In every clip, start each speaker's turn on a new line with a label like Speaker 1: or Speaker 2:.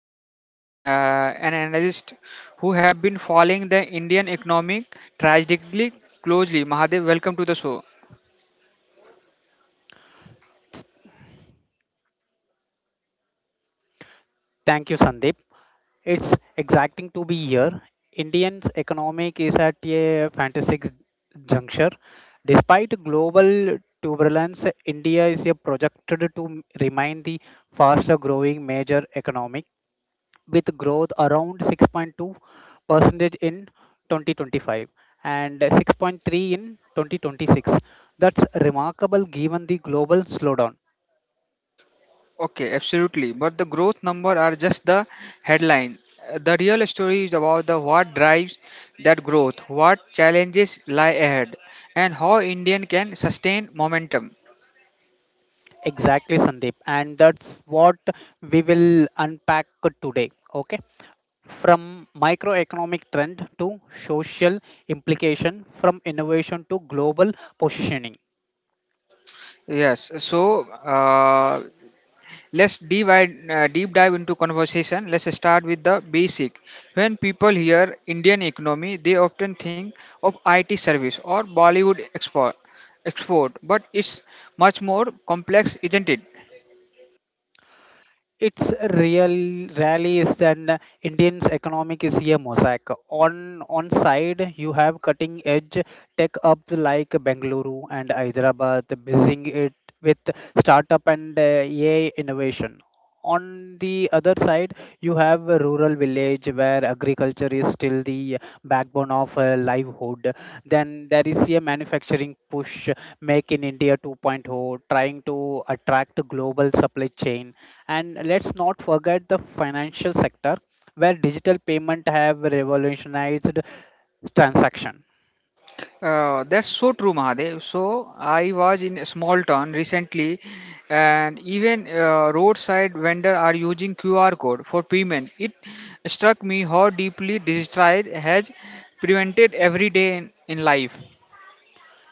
Speaker 1: me, the Mahadev, an analyst who have been following the Indian economic tragically closely. Mahadev, welcome to the show.
Speaker 2: Thank you, Sandeep. It's exacting to be here. Indian's economic is at a fantastic juncture. Despite global turbulence, India is a projected to remain the faster growing major economic with growth around 6.2 percentage in 2025 and 6.3 in 2026. That's remarkable given the global slowdown.
Speaker 1: Okay, absolutely. But the growth number are just the headline. The real story is about the what drives that growth, what challenges lie ahead, and how Indian can sustain momentum.
Speaker 2: Exactly, Sandeep. And that's what we will unpack today. Okay. From microeconomic trend to social implication, from innovation to global positioning.
Speaker 1: Yes. So let's deep dive into conversation. Let's start with the basic. When people hear Indian economy, they often think of IT service or Bollywood export, but it's much more complex, isn't it?
Speaker 2: It's real rallies, and indians economic is a mosaic. On side you have cutting edge tech up like Bengaluru and Hyderabad busying it with startup and AI innovation. On the other side you have a rural village where agriculture is still the backbone of livelihood. Then there is a manufacturing push, make in india 2.0, trying to attract global supply chain. And let's not forget the financial sector, where digital payment have revolutionized transaction.
Speaker 1: That's so true, Mahadev. So I was in a small town recently, and even roadside vendor are using QR code for payment. It struck me how deeply digital has prevented every day in life.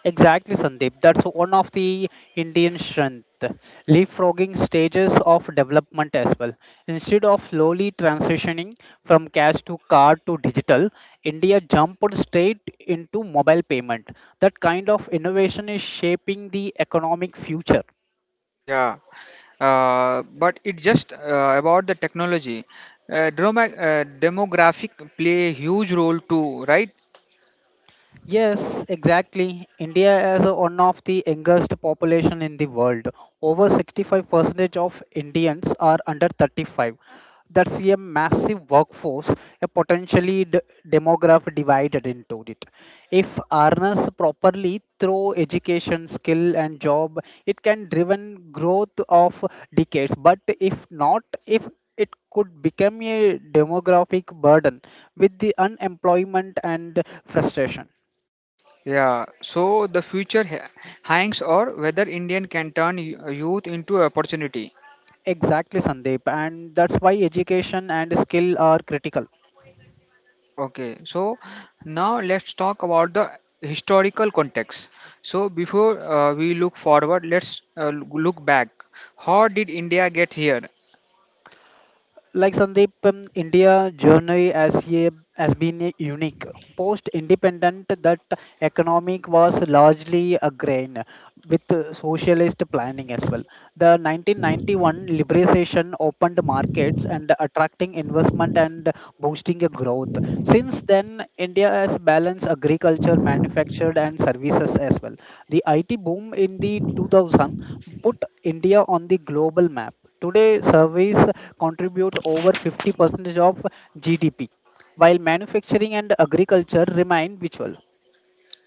Speaker 2: Exactly, Sandeep. That's one of the Indian strength, leapfrogging stages of development as well. Instead of slowly transitioning from cash to card to digital, India jumped straight into mobile payment. That kind of innovation is shaping the economic future.
Speaker 1: Yeah, but it's just about the technology. Demographic play a huge role too, right?
Speaker 2: Yes, exactly. India has one of the youngest population in the world. Over 65% of Indians are under 35. That's a massive workforce, a potentially demographic divided into it. If harnessed properly through education, skill, and job, it can driven growth of decades. But if not, if it could become a demographic burden with the unemployment and frustration.
Speaker 1: Yeah, so the future hangs or whether Indian can turn youth into opportunity.
Speaker 2: Exactly, Sandeep, and that's why education and skill are critical.
Speaker 1: Okay, so now let's talk about the historical context. So before we look forward, let's look back. How did India get here?
Speaker 2: Like Sandeep, India journey as has been a unique. Post-independent, that economic was largely a grain with socialist planning as well. The 1991 liberalization opened markets and attracting investment and boosting a growth. Since then, India has balanced agriculture, manufactured and services as well. The IT boom in the 2000 put India on the global map. Today, service contribute over 50% of GDP, while manufacturing and agriculture remain virtual.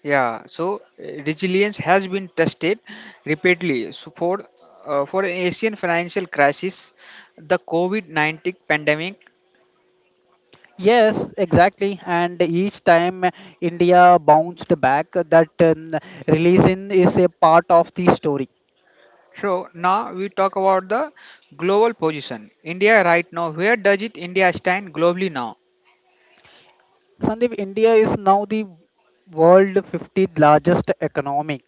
Speaker 1: Yeah, so resilience has been tested repeatedly. So for an Asian financial crisis, the COVID-19 pandemic.
Speaker 2: Yes, exactly. And each time India bounced back. That Religion is a part of the story.
Speaker 1: So now we talk about the global position. India right now, where does it India stand globally now?
Speaker 2: Sandeep, India is now the world 50 largest economic,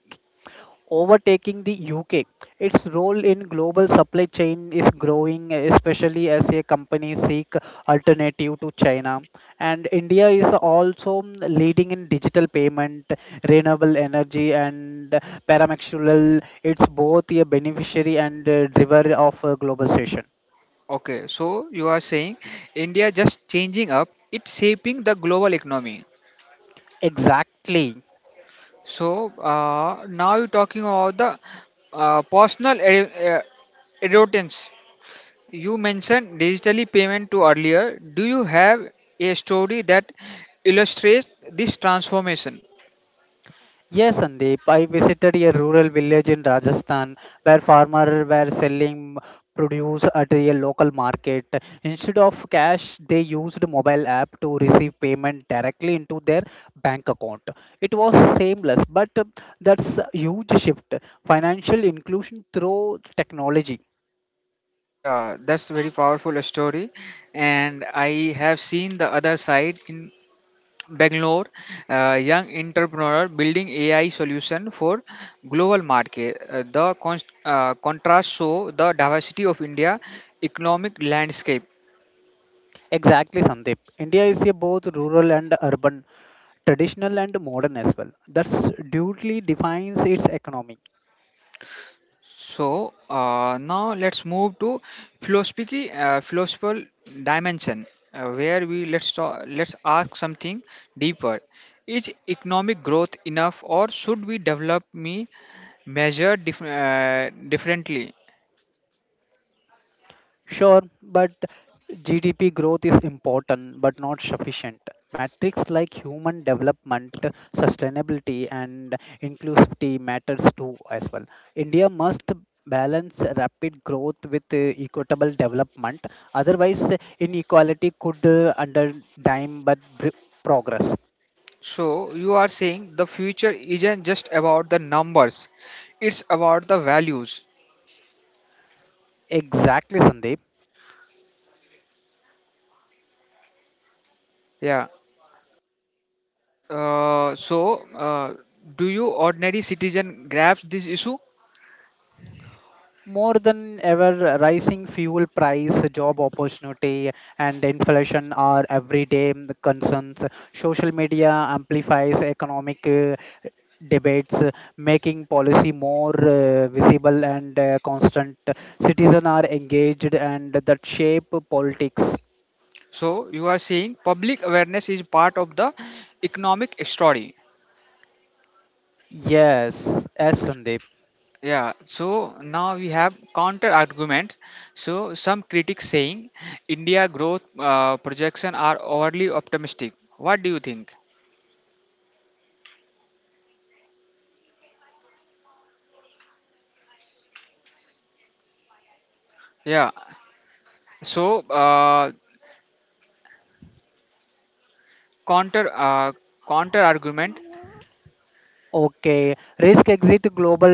Speaker 2: overtaking the UK. Its role in global supply chain is growing, especially as a company seek alternative to China. And India is also leading in digital payment, renewable energy, and paramexual. It's both a beneficiary and driver of globalization.
Speaker 1: Okay, so you are saying India just changing up, it's shaping the global economy.
Speaker 2: Exactly.
Speaker 1: So now you're talking about the uh, personal ad- uh, advertence. You mentioned digitally payment to earlier. Do you have a story that illustrates this transformation?
Speaker 2: Yes, Sandeep. I visited a rural village in Rajasthan where farmers were selling produce at a local market. Instead of cash, they used mobile app to receive payment directly into their bank account. It was seamless, but that's a huge shift. Financial inclusion through technology.
Speaker 1: Yeah, that's very powerful story, and I have seen the other side in Bangalore, young entrepreneur building AI solution for global market. The contrast show the diversity of India economic landscape.
Speaker 2: Exactly, Sandeep. India is a both rural and urban, traditional and modern as well. That's duly defines its economy.
Speaker 1: So now let's move to philosophical dimension, where we let's let's ask something deeper. Is economic growth enough, or should we develop me measure differently?
Speaker 2: Sure, but GDP growth is important but not sufficient. Metrics like human development, sustainability, and inclusivity matters too as well. India must balance rapid growth with equitable development. Otherwise, inequality could undermine progress.
Speaker 1: So you are saying the future isn't just about the numbers, it's about the values.
Speaker 2: Exactly, Sandeep.
Speaker 1: Yeah. Uh, so uh, do you ordinary citizen grasp this issue?
Speaker 2: More than ever, rising fuel price, job opportunity, and inflation are everyday concerns. Social media amplifies economic debates, making policy more visible and constant. Citizens are engaged, and that shape politics.
Speaker 1: So you are saying public awareness is part of the economic story.
Speaker 2: Yes, as Sandeep.
Speaker 1: Yeah. So now we have counter argument. So some critics saying India growth projection are overly optimistic. What do you think? Yeah. So counter uh, counter argument.
Speaker 2: Okay, risk exit, global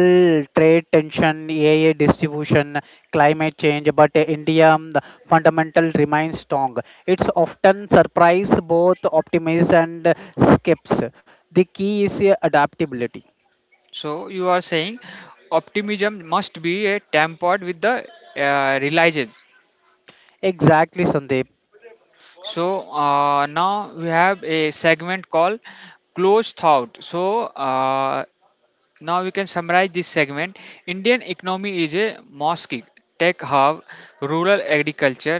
Speaker 2: trade tension, AI distribution, climate change, but India the fundamental remains strong. It's often surprise both optimists and skeptics. The key is adaptability.
Speaker 1: So you are saying optimism must be tempered with the realization.
Speaker 2: Exactly, Sandeep.
Speaker 1: So now we have a segment called close thought. So now we can summarize this segment. Indian economy is a mosaic, tech hub, rural agriculture,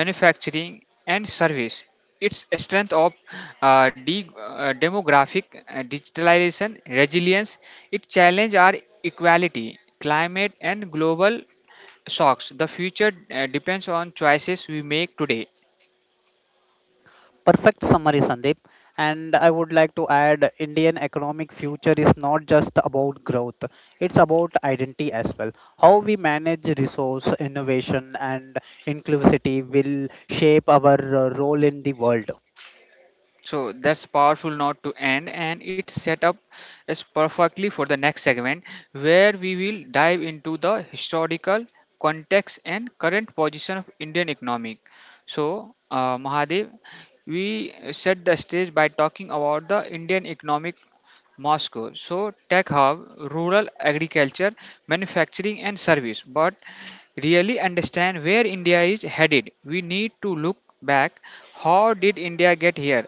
Speaker 1: manufacturing, and service. Its strength of demographic, digitalization, resilience. Its challenge are equality, climate, and global shocks. The future depends on choices we make today.
Speaker 2: Perfect summary, Sandeep. And I would like to add Indian economic future is not just about growth, it's about identity as well. How we manage resource, innovation, and inclusivity will shape our role in the world.
Speaker 1: So that's powerful not to end, and it's set up as perfectly for the next segment where we will dive into the historical context and current position of Indian economic. So, Mahadev, we set the stage by talking about the Indian economic Moscow. So, tech hub, rural agriculture, manufacturing, and service. But really understand where India is headed, we need to look back. How did India get here?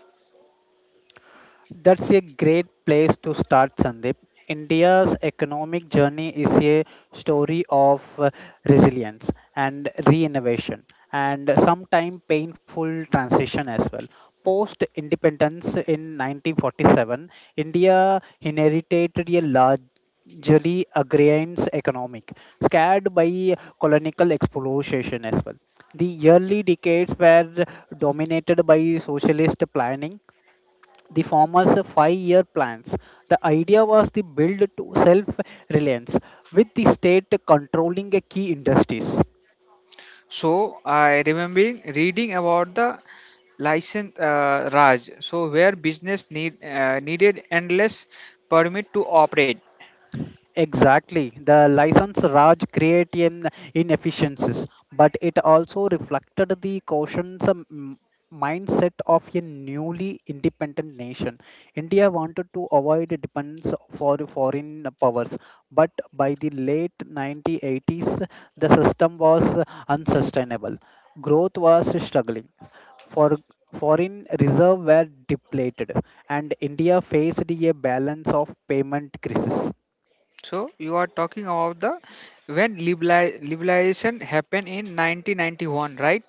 Speaker 2: That's a great place to start, Sandeep. India's economic journey is a story of resilience and reinnovation and sometimes painful transition as well. Post independence in 1947, India inherited a large, generally, agrarian economic, scared by colonial exploitation as well. The early decades were dominated by socialist planning, the farmers 5 year plans. The idea was to build to self reliance with the state controlling the key industries.
Speaker 1: So I remembering reading about the license Raj, so where business needed endless permit to operate.
Speaker 2: Exactly. The license Raj create in inefficiencies, but it also reflected the cautious mindset of a newly independent nation. India wanted to avoid dependence for foreign powers, but by the late 1980s, the system was unsustainable. Growth was struggling. For foreign reserve were depleted, and India faced a balance of payment crisis.
Speaker 1: So you are talking about the when liberalization happened in 1991, right?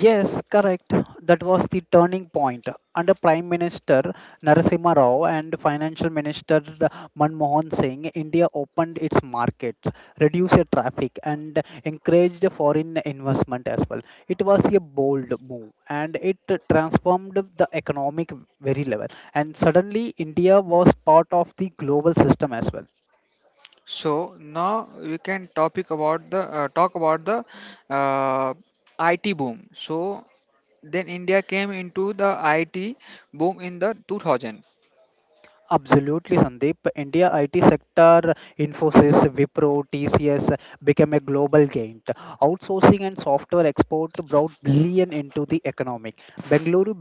Speaker 2: Yes, correct. That was the turning point. Under Prime Minister Narasimha Rao and Financial Minister Manmohan Singh, India opened its markets, reduced the traffic, and encouraged foreign investment as well. It was a bold move and it transformed the economic very level. And suddenly, India was part of the global system as well.
Speaker 1: So now we can topic about the uh, IT boom. So then India came into the IT boom in the 2000.
Speaker 2: Absolutely, Sandeep. India IT sector, Infosys, Wipro, TCS became a global giant. Outsourcing and software export brought billion into the economic. Bengaluru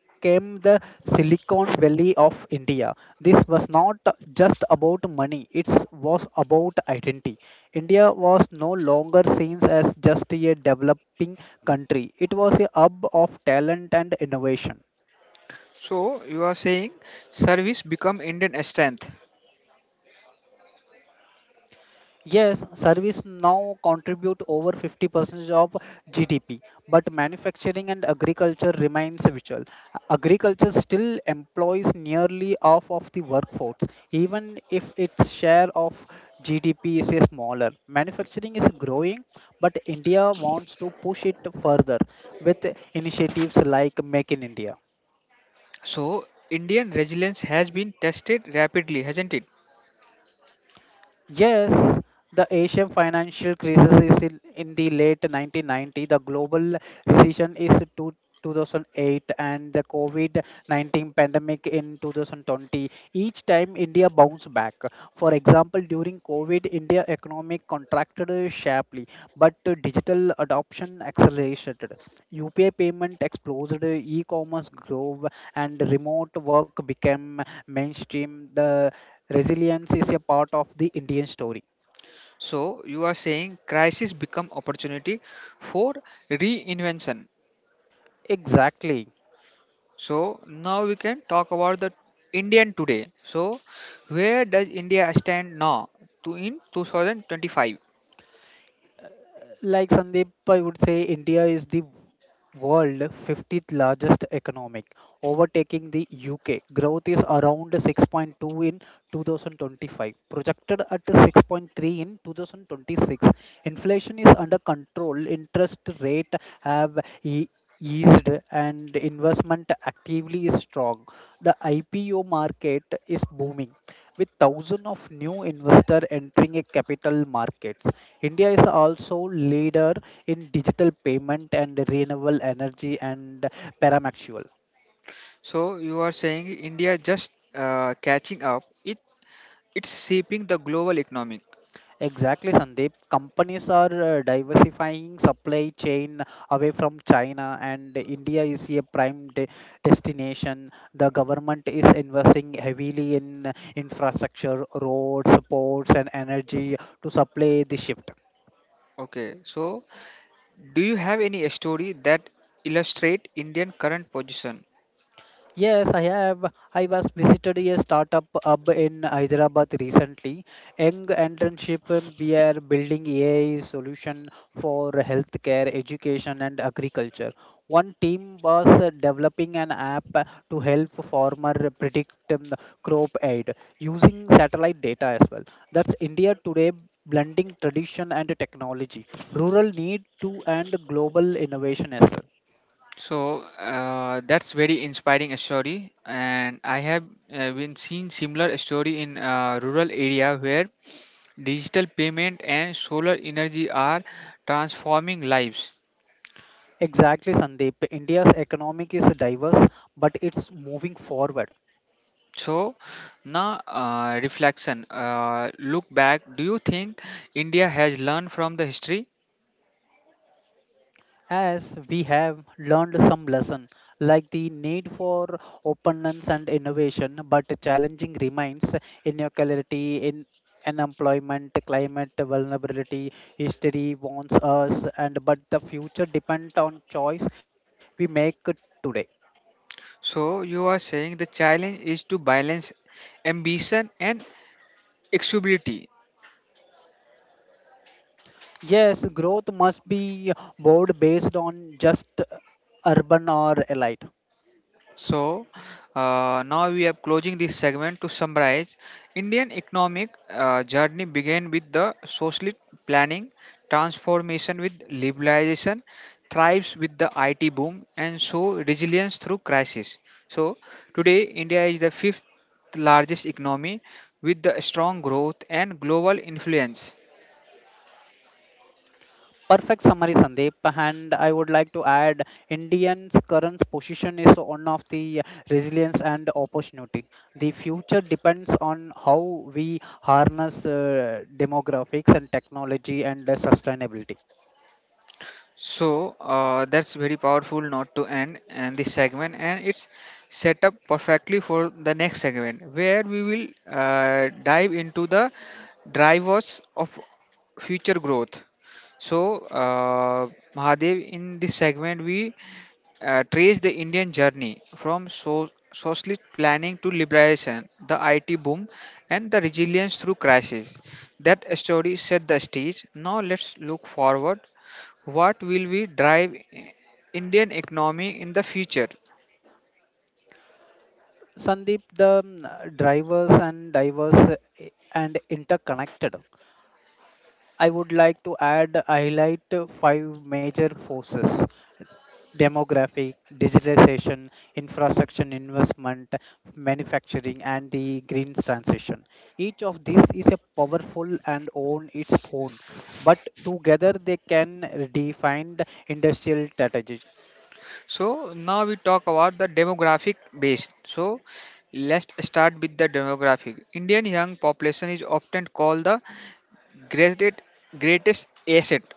Speaker 2: became the Silicon Valley of India. This was not just about money; it was about identity. India was no longer seen as just a developing country; it was a hub of talent and innovation.
Speaker 1: So you are saying service become Indian strength.
Speaker 2: Yes, service now contribute over 50% of GDP, but manufacturing and agriculture remains vital. Agriculture still employs nearly half of the workforce, even if its share of GDP is smaller. Manufacturing is growing, but India wants to push it further with initiatives like Make in India.
Speaker 1: So Indian resilience has been tested rapidly, hasn't it?
Speaker 2: Yes, the Asian financial crisis is in the late 1990. The global recession is 2008 and the COVID-19 pandemic in 2020. Each time India bounced back. For example, during COVID, India economic contracted sharply, but digital adoption accelerated. UPI payment exploded, e-commerce grew, and remote work became mainstream. The resilience is a part of the Indian story.
Speaker 1: So you are saying crisis become opportunity for reinvention.
Speaker 2: Exactly.
Speaker 1: So now we can talk about the Indian today. So where does India stand now to in 2025?
Speaker 2: Like Sandeep, I would say India is the world 50th largest economic, overtaking the UK. Growth is around 6.2 in 2025, projected at 6.3 in 2026. Inflation is under control, interest rate have e- eased and investment actively is strong. The IPO market is booming with thousands of new investors entering a capital markets. India is also leader in digital payment and renewable energy and paramexual.
Speaker 1: So you are saying India just catching up. It's shaping the global economic.
Speaker 2: Exactly, Sandeep. Companies are diversifying supply chain away from China, and India is a prime destination. The government is investing heavily in infrastructure, roads, ports, and energy to supply the shift.
Speaker 1: Okay, so do you have any story that illustrate Indian current position?
Speaker 2: Yes, I have. I was visited a startup hub in Hyderabad recently. Young entrepreneurship, we are building AI solution for healthcare, education, and agriculture. One team was developing an app to help farmer predict crop aid using satellite data as well. That's India today, blending tradition and technology, rural need to, and global innovation as well.
Speaker 1: So that's very inspiring story, and I have been seeing similar story in rural area where digital payment and solar energy are transforming lives.
Speaker 2: Exactly, Sandeep. India's economic is diverse, but it's moving forward.
Speaker 1: So now reflection, look back. Do you think India has learned from the history?
Speaker 2: As we have learned some lesson, like the need for openness and innovation, but challenging remains inequality in unemployment, climate vulnerability, history warns us, and but the future depends on choice we make today.
Speaker 1: So you are saying the challenge is to balance ambition and accessibility.
Speaker 2: Yes, growth must be board based on just urban or elite.
Speaker 1: So now we are closing this segment to summarize. Indian economic journey began with the socialist planning, transformation with liberalization, thrives with the IT boom, and so resilience through crisis. So today India is the fifth largest economy with the strong growth and global influence.
Speaker 2: Perfect summary, Sandeep. And I would like to add Indians' current position is one of the resilience and opportunity. The future depends on how we harness demographics and technology and sustainability.
Speaker 1: So that's very powerful not to end and this segment, and it's set up perfectly for the next segment where we will dive into the drivers of future growth. So, Mahadev, in this segment, we trace the Indian journey from socialist planning to liberation, the IT boom, and the resilience through crisis. That story set the stage. Now, let's look forward, what will we drive indian economy in the future?
Speaker 2: Sandeep, the drivers and diverse and interconnected. I would like to add highlight five major forces: demographic, digitization, infrastructure investment, manufacturing, and the green transition. Each of these is a powerful and on its own, but together they can redefine the industrial strategy.
Speaker 1: So now we talk about the demographic based. So let's start with the demographic. Indian young population is often called the greatest greatest asset.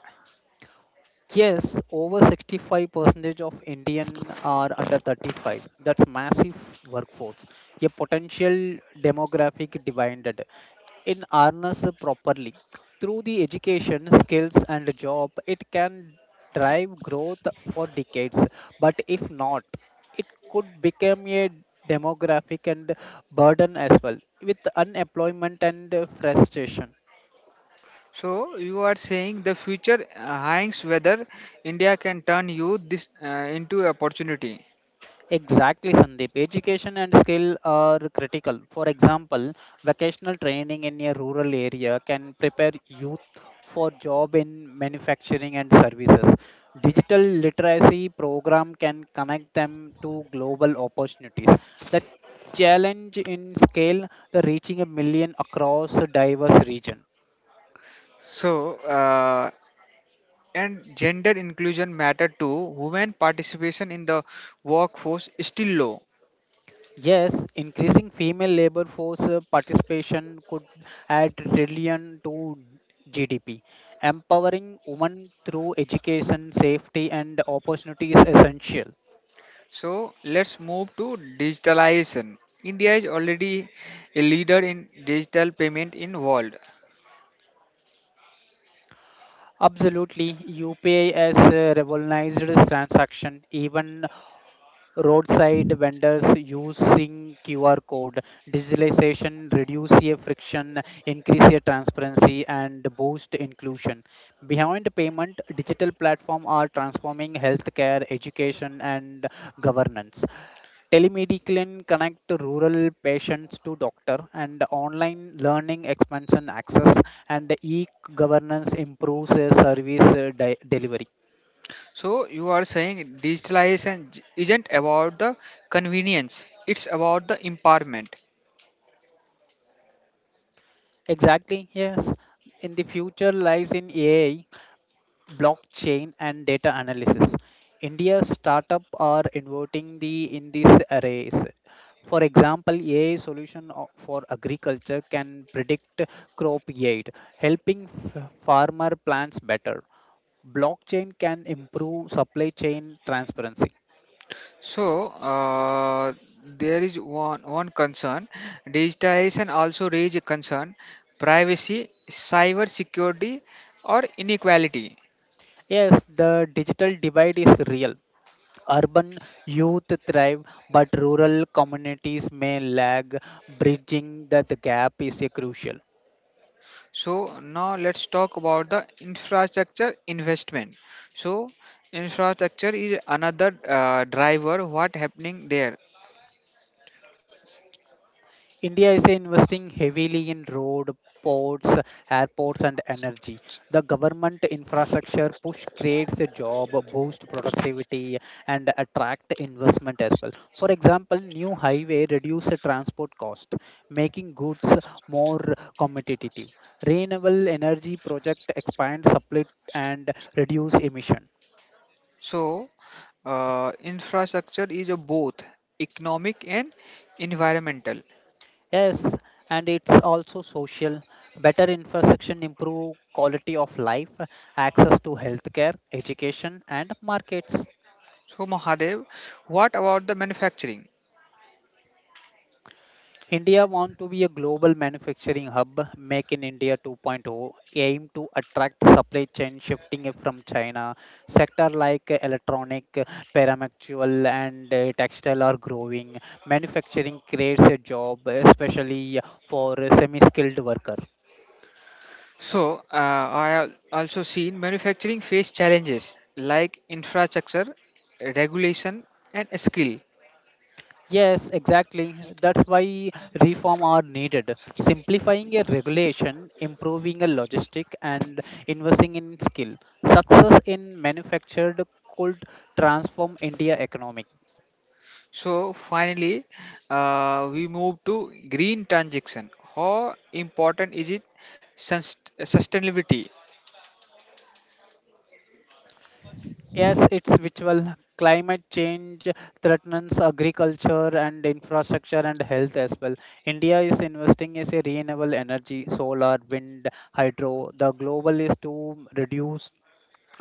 Speaker 2: Yes, over 65% of Indian are under 35. That's massive workforce, a potential demographic dividend. In harness properly through the education skills and job, it can drive growth for decades. But if not, it could become a demographic and burden as well with unemployment and frustration.
Speaker 1: So you are saying the future hangs whether india can turn youth this into opportunity.
Speaker 2: Exactly, Sandeep. Education and skill are critical. For example, vocational training in a rural area can prepare youth for job in manufacturing and services. Digital literacy program can connect them to global opportunities. The challenge in scale, the reaching a million across a diverse region.
Speaker 1: So and gender inclusion matter too. Women participation in the workforce is still low.
Speaker 2: Yes, increasing female labor force participation could add trillion to GDP. Empowering women through education, safety, and opportunity is essential.
Speaker 1: So let's move to digitalization. India is already a leader in digital payment in world.
Speaker 2: Absolutely, UPI has revolutionized this transaction. Even roadside vendors using QR code digitalization reduce a friction, increase a transparency and boost inclusion. Behind payment digital platform are transforming healthcare education and governance. Telemedicine connect rural patients to doctor and online learning expansion access and e-governance improves service delivery.
Speaker 1: So you are saying digitalization isn't about the convenience; it's about the empowerment.
Speaker 2: Exactly, yes. In the future lies in AI, blockchain and data analysis. India's startup are innovating the in these arrays. For example, AI solution for agriculture can predict crop yield, helping farmer plans better. Blockchain can improve supply chain transparency.
Speaker 1: So there is one concern. Digitalization also raise a concern, privacy, cyber security, or inequality.
Speaker 2: Yes, the digital divide is real. Urban youth thrive, but rural communities may lag. Bridging that gap is crucial.
Speaker 1: So now let's talk about the infrastructure investment. So infrastructure is another driver. What happening there?
Speaker 2: India is investing heavily in road, ports, airports, and energy. The government infrastructure push creates a job, boost productivity, and attract investment as well. For example, new highway reduce the transport cost, making goods more competitive. Renewable energy project expand supply and reduce emission.
Speaker 1: So infrastructure is a both economic and environmental.
Speaker 2: Yes, and it's also social. Better infrastructure improve quality of life, access to healthcare, education, and markets.
Speaker 1: So Mahadev, what about the manufacturing?
Speaker 2: India want to be a global manufacturing hub. Make in India 2.0 aim to attract supply chain shifting it from China. Sector like electronic, paramactual, and textile are growing. Manufacturing creates a job, especially for semi-skilled worker.
Speaker 1: So I have also seen manufacturing face challenges like infrastructure, regulation, and skill.
Speaker 2: Yes, exactly. That's why reform are needed. Simplifying a regulation, improving a logistic, and investing in skill. Success in manufactured could transform India economic.
Speaker 1: So finally, we move to green transaction. How important is it sustainability?
Speaker 2: Yes, it's virtual. Climate change threatens agriculture and infrastructure and health as well. India is investing in renewable energy, solar, wind, hydro. The global is to reduce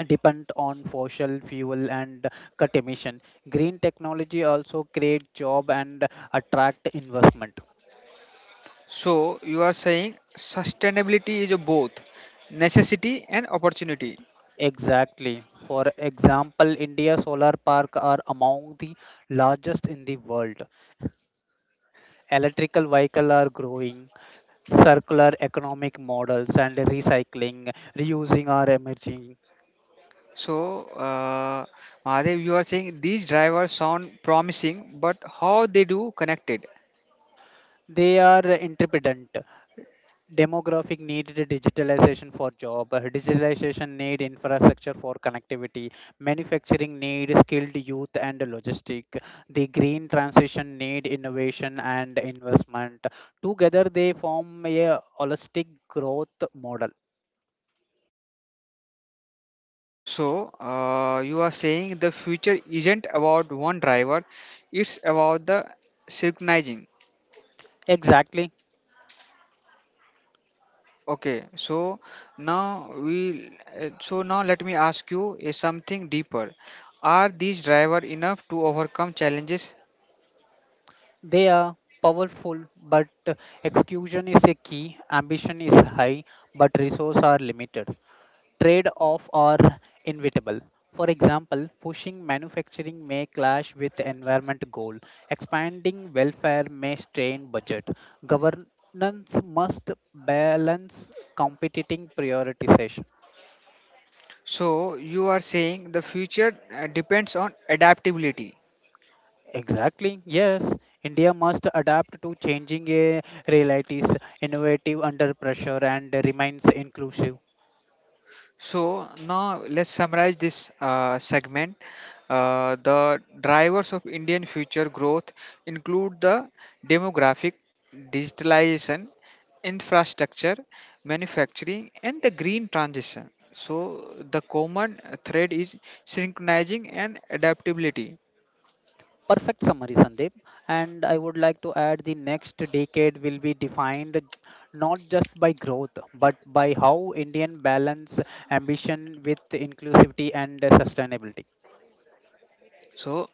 Speaker 2: depend on fossil fuel and cut emission. Green technology also create job and attract investment.
Speaker 1: So you are saying sustainability is a both necessity and opportunity.
Speaker 2: Exactly. For example, India solar park are among the largest in the world. Electrical vehicle are growing, circular economic models and recycling, reusing are emerging.
Speaker 1: So Mahadev, you are saying these drivers sound promising, but how they do connected?
Speaker 2: They are interdependent. Demographic need digitalization for job, digitalization need infrastructure for connectivity, manufacturing need skilled youth and logistic, the green transition need innovation and investment. Together they form a holistic growth model.
Speaker 1: So you are saying the future isn't about one driver; it's about the synchronizing.
Speaker 2: Exactly.
Speaker 1: Okay, so now we so now let me ask you is something deeper. Are these driver enough to overcome challenges?
Speaker 2: They are powerful, but execution is a key, ambition is high, but resources are limited. Trade off are inevitable. For example, pushing manufacturing may clash with environment goal. Expanding welfare may strain budget. Governance must balance competing prioritization.
Speaker 1: So you are saying the future depends on adaptability.
Speaker 2: Exactly. Yes, India must adapt to changing realities, innovative under pressure, and remains inclusive.
Speaker 1: So now let's summarize this segment. The drivers of Indian future growth include the demographic, digitalization, infrastructure, manufacturing, and the green transition. So the common thread is synchronizing and adaptability.
Speaker 2: Perfect summary, Sandeep. And I would like to add the next decade will be defined not just by growth, but by how Indian balance ambition with inclusivity and sustainability.
Speaker 1: So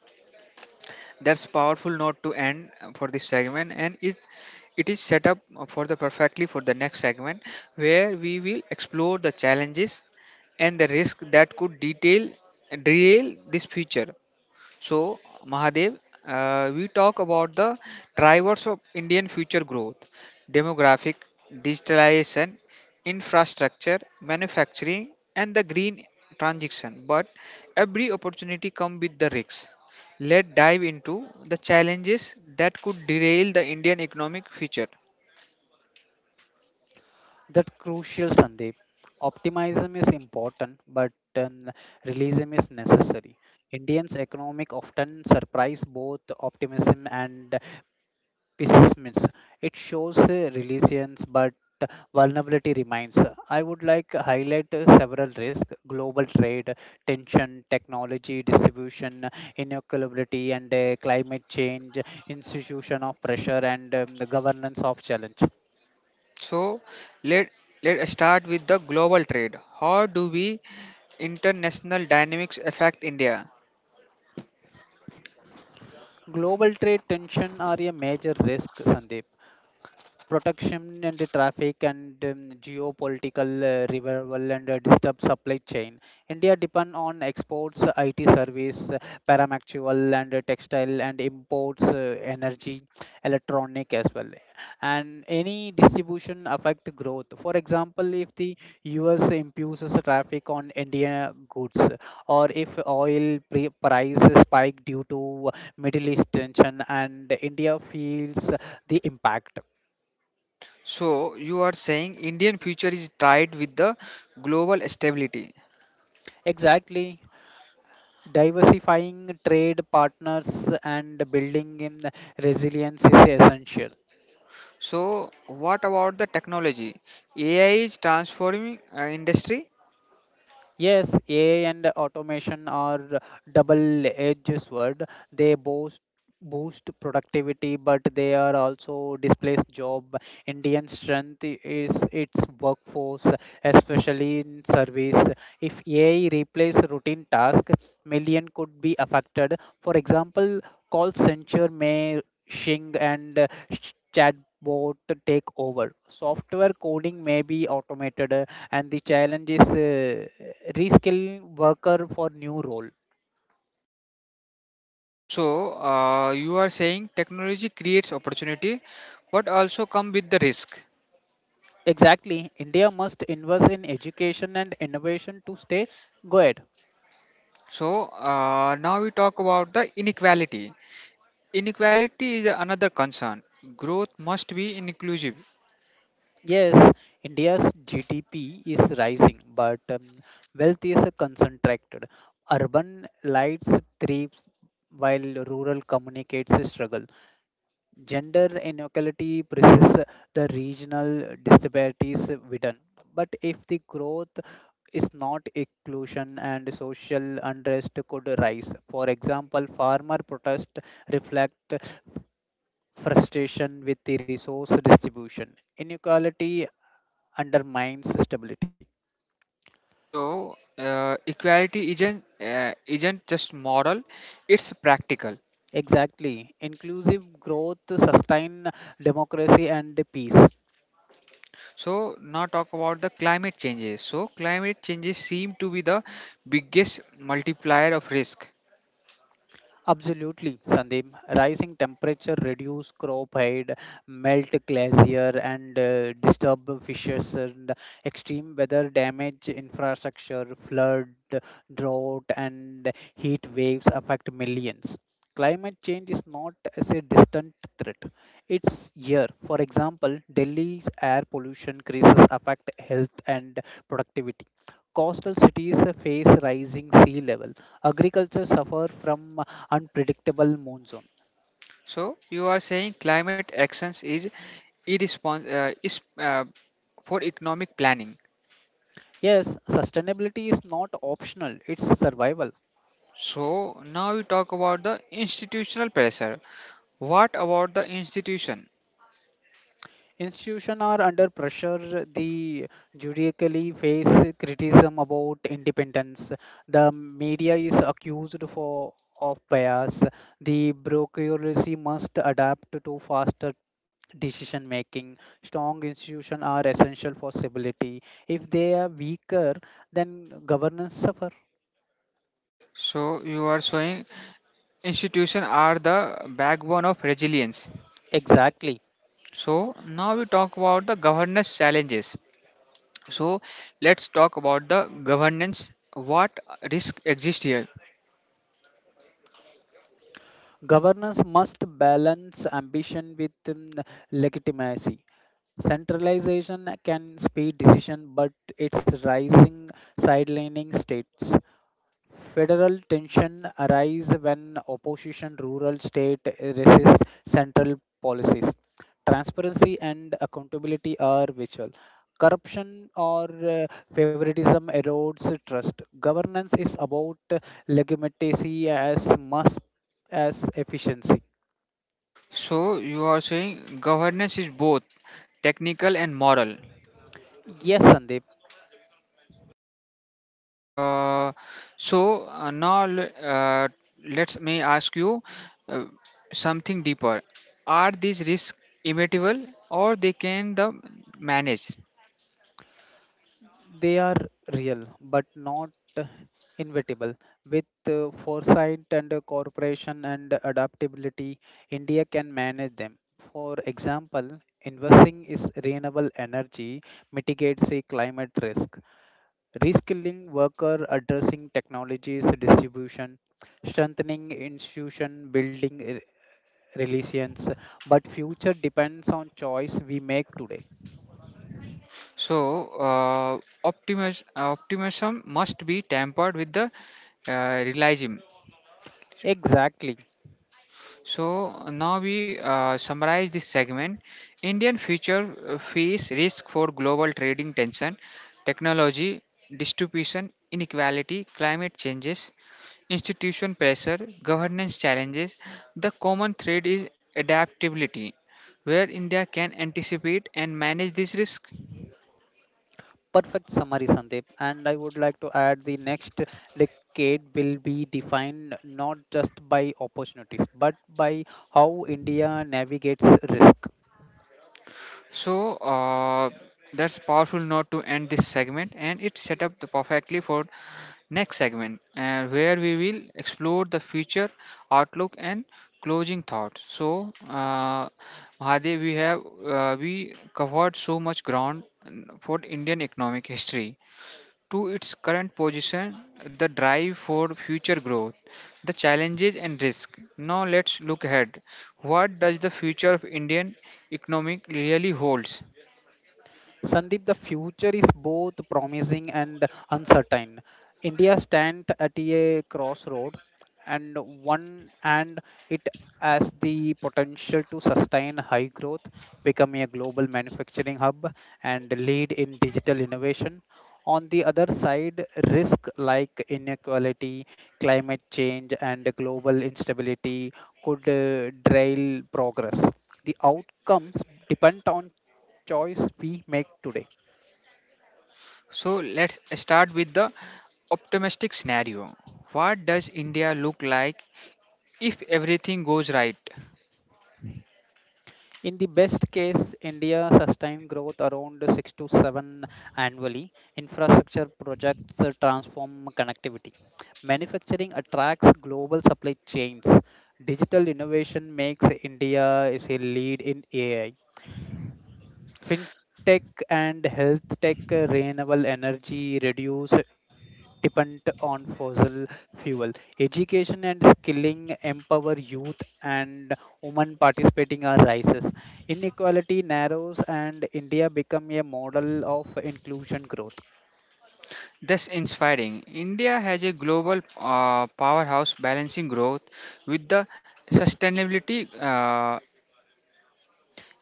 Speaker 1: that's powerful note to end for this segment, and it is set up for the perfectly for the next segment where we will explore the challenges and the risk that could detail derail this future. So, Mahadev, we talk about the drivers of Indian future growth, demographic, digitalization, infrastructure, manufacturing, and the green transition. But every opportunity comes with the risks. Let's dive into the challenges that could derail the Indian economic future.
Speaker 2: That's crucial, Sandeep. Optimism is important, but realism is necessary. Indians' economic often surprise both optimism and assessments. It shows resilience, but vulnerability remains. I would like to highlight several risks: global trade, tension, technology distribution, inequality, and climate change, institution of pressure, and the governance of challenge.
Speaker 1: So, let let's start with the global trade. How do we international dynamics affect India?
Speaker 2: Global trade tension are a major risk, Sandeep. Protection and the traffic and geopolitical revival and disturbed supply chain. India depend on exports, IT service, paramactual and textile and imports, energy, electronic as well. And any distribution affect growth. For example, if the US imposes traffic on India goods or if oil price spike due to Middle East tension and India feels the impact.
Speaker 1: So you are saying Indian future is tied with the global stability.
Speaker 2: Exactly. Diversifying trade partners and building in resilience is essential.
Speaker 1: So what about the technology? AI is transforming industry.
Speaker 2: Yes, AI and automation are double-edged sword. They both boost productivity, but they are also displace job. Indian strength is its workforce, especially in service. If AI replace routine task, million could be affected. For example, call center may shing and chatbot take over. Software coding may be automated, and the challenge is reskilling worker for new role.
Speaker 1: So you are saying technology creates opportunity, but also come with the risk.
Speaker 2: Exactly. India must invest in education and innovation to stay ahead.
Speaker 1: So now we talk about the inequality. Inequality is another concern. Growth must be inclusive.
Speaker 2: Yes, India's GDP is rising, but wealth is concentrated. Urban lights thrives while rural communicates struggle. Gender inequality persists, the regional disparities widen. But if the growth is not inclusion and social unrest could rise. For example, farmer protests reflect frustration with the resource distribution. Inequality undermines stability.
Speaker 1: So equality isn't just moral; it's practical.
Speaker 2: Exactly. Inclusive growth sustain democracy and peace.
Speaker 1: So now talk about the climate changes. So climate changes seem to be the biggest multiplier of risk.
Speaker 2: Absolutely, Sandeep. Rising temperature reduce crop height, melt glacier, and disturb fishes. And extreme weather damage infrastructure, flood, drought, and heat waves affect millions. Climate change is not as a distant threat; it's here. For example, Delhi's air pollution crisis affect health and productivity. Coastal cities face rising sea level. Agriculture suffer from unpredictable monsoon.
Speaker 1: So you are saying climate actions is irrespons- uh, is uh, for economic planning.
Speaker 2: Yes, sustainability is not optional, it's survival.
Speaker 1: So now we talk about the institutional pressure. What about the institution?
Speaker 2: Institutions are under pressure, they judicially face criticism about independence. The media is accused for of bias. The bureaucracy must adapt to faster decision making. Strong institutions are essential for stability. If they are weaker, then governance suffer.
Speaker 1: So you are saying institutions are the backbone of resilience.
Speaker 2: Exactly.
Speaker 1: So now we talk about the governance challenges. So let's talk about the governance. What risk exists here?
Speaker 2: Governance must balance ambition with legitimacy. Centralization can speed decision, but its rising sidelining states. Federal tension arise when opposition rural state resists central policies. Transparency and accountability are vital. Corruption or favoritism erodes trust. Governance is about legitimacy as much as efficiency.
Speaker 1: So you are saying governance is both technical and moral.
Speaker 2: Yes, Sandeep,
Speaker 1: Uh, so uh, now le- uh, let's may ask you uh, something deeper. Are these risks immutable or they can the manage?
Speaker 2: they are real but not uh, inevitable. With foresight and cooperation and adaptability, India can manage them. For example, investing is renewable energy mitigates a climate risk, reskilling worker addressing technologies distribution, strengthening institution building relations, but future depends on choice we make today.
Speaker 1: So optimism must be tempered with the realism.
Speaker 2: Exactly.
Speaker 1: So now we summarize this segment. Indian future face risk for global trading tension, technology, distribution, inequality, climate changes, institution pressure, governance challenges. The common thread is adaptability, where India can anticipate and manage this risk.
Speaker 2: Perfect summary, Sandeep. And I would like to add the next decade will be defined not just by opportunities, but by how India navigates risk.
Speaker 1: So that's powerful note to end this segment, and it set up the perfectly for next segment, where we will explore the future outlook and closing thoughts. So, Mahadev, we have we covered so much ground for Indian economic history to its current position, the drive for future growth, the challenges and risk. Now let's look ahead. What does the future of Indian economic really holds?
Speaker 2: Sandeep, the future is both promising and uncertain. India stands at a crossroad, and it has the potential to sustain high growth, become a global manufacturing hub, and lead in digital innovation. On the other side, risk like inequality, climate change, and global instability could derail progress. The outcomes depend on choice we make today.
Speaker 1: So let's start with the optimistic scenario. What does India look like if everything goes right?
Speaker 2: In the best case, India sustained growth around 6 to 7 annually. Infrastructure projects transform connectivity. Manufacturing attracts global supply chains. Digital innovation makes India is a lead in AI. Fintech and health tech, renewable energy reduce dependent on fossil fuel. Education and skilling empower youth and women participating are rises. Inequality narrows and India become a model of inclusion growth.
Speaker 1: That's inspiring. India has a global powerhouse balancing growth with the sustainability.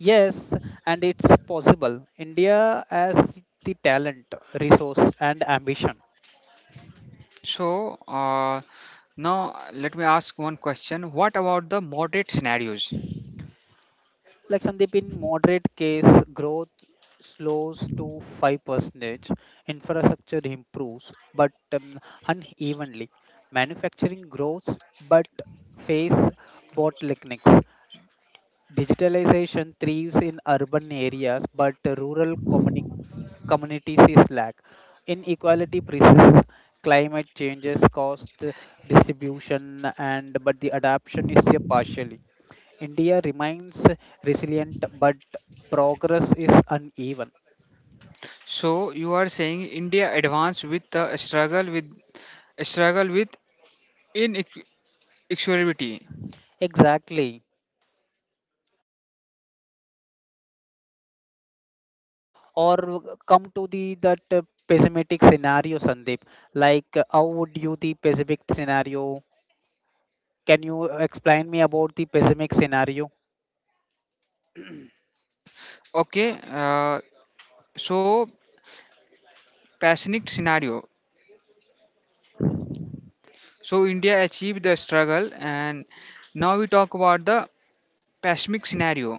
Speaker 2: Yes, and it's possible. India has the talent, resource and ambition.
Speaker 1: So, now let me ask one question. What about the moderate scenarios?
Speaker 2: Like Sandeep, in moderate case, growth slows to 5%, infrastructure improves, but unevenly. Manufacturing grows, but face bottlenecks. Digitalization thrives in urban areas, but rural communities is lack. Inequality persists. Climate changes cause the distribution, and but the adaptation is a partial. India remains resilient, but progress is uneven.
Speaker 1: So, you are saying India advanced with the struggle with inequality.
Speaker 2: Exactly. Or come to the that pessimistic scenario, Sandeep. How would you the pessimistic scenario? Can you explain me about the pessimistic scenario?
Speaker 1: Okay. So, pessimistic scenario. So, India achieved the struggle, and now we talk about the pessimistic scenario.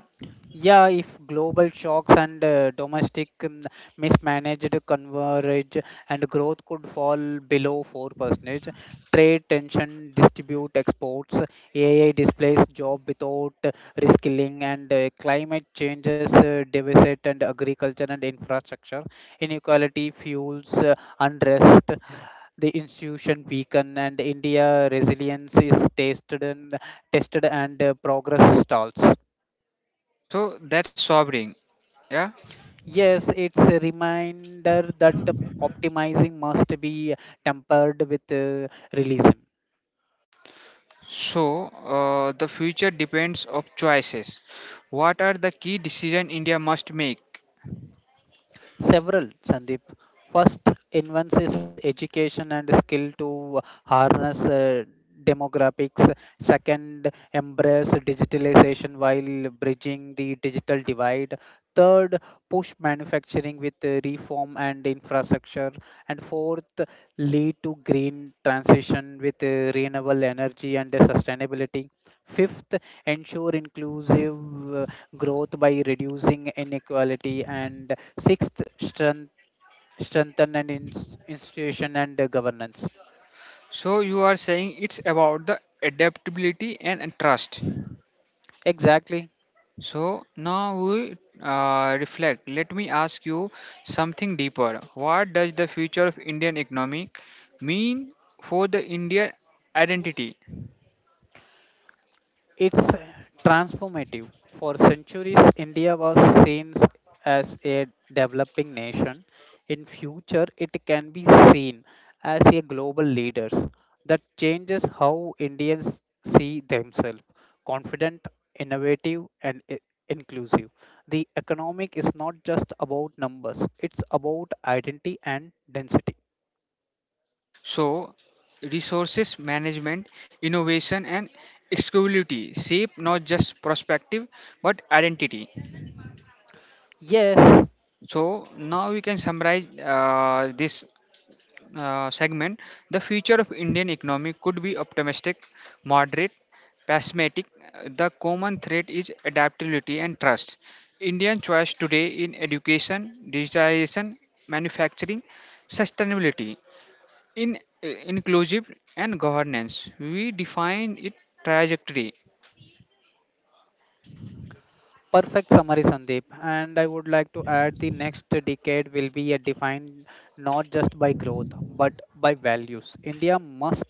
Speaker 2: Yeah, if global shocks and domestic mismanaged converge and growth could fall below 4%, trade tension, distribute exports, AI displace job without reskilling, and climate changes devastate and agriculture and infrastructure, inequality fuels unrest, the institution weaken, and India resilience is tested and progress stalls.
Speaker 1: So, that's sobering. Yeah.
Speaker 2: Yes, it's a reminder that optimizing must be tempered with realism.
Speaker 1: So, the future depends of choices. What are the key decision India must make?
Speaker 2: Several, Sandeep. First, enhances education and skill to harness demographics. Second, embrace digitalization while bridging the digital divide. Third, push manufacturing with reform and infrastructure. And fourth, lead to green transition with renewable energy and sustainability. Fifth, ensure inclusive growth by reducing inequality, and sixth, strengthen and institution and governance.
Speaker 1: So, you are saying it's about the adaptability and trust.
Speaker 2: Exactly.
Speaker 1: So, now we reflect. Let me ask you something deeper. What does the future of Indian economy mean for the Indian identity?
Speaker 2: It's transformative. For centuries, India was seen as a developing nation. In future, it can be seen as a global leader. That changes how Indians see themselves: confident, innovative, and inclusive. The economic is not just about numbers; it's about identity and density.
Speaker 1: So, resources management, innovation, and exclusivity shape not just perspective but identity.
Speaker 2: Yes.
Speaker 1: So now we can summarize this segment. The future of Indian economy could be optimistic, moderate, pessimistic. The common thread is adaptability and trust. Indian choice today in education, digitalization, manufacturing, sustainability, in inclusive and governance. We define it trajectory.
Speaker 2: Perfect summary, Sandeep. And I would like to add the next decade will be a defined not just by growth but by values. India must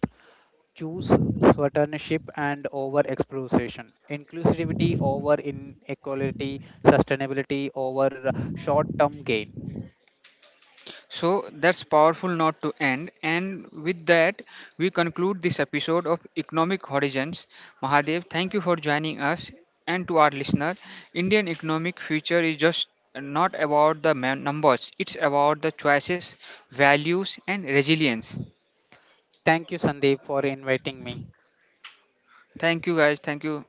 Speaker 2: choose stewardship and over exploitation, inclusivity over inequality, sustainability over short term gain.
Speaker 1: So that's powerful not to end. And with that, we conclude this episode of Economic Horizons. Mahadev, thank you for joining us and to our listener. Indian economic future is just not about the numbers, it's about the choices, values, and resilience.
Speaker 2: Thank you, Sandeep, for inviting me.
Speaker 1: Thank you, guys. Thank you.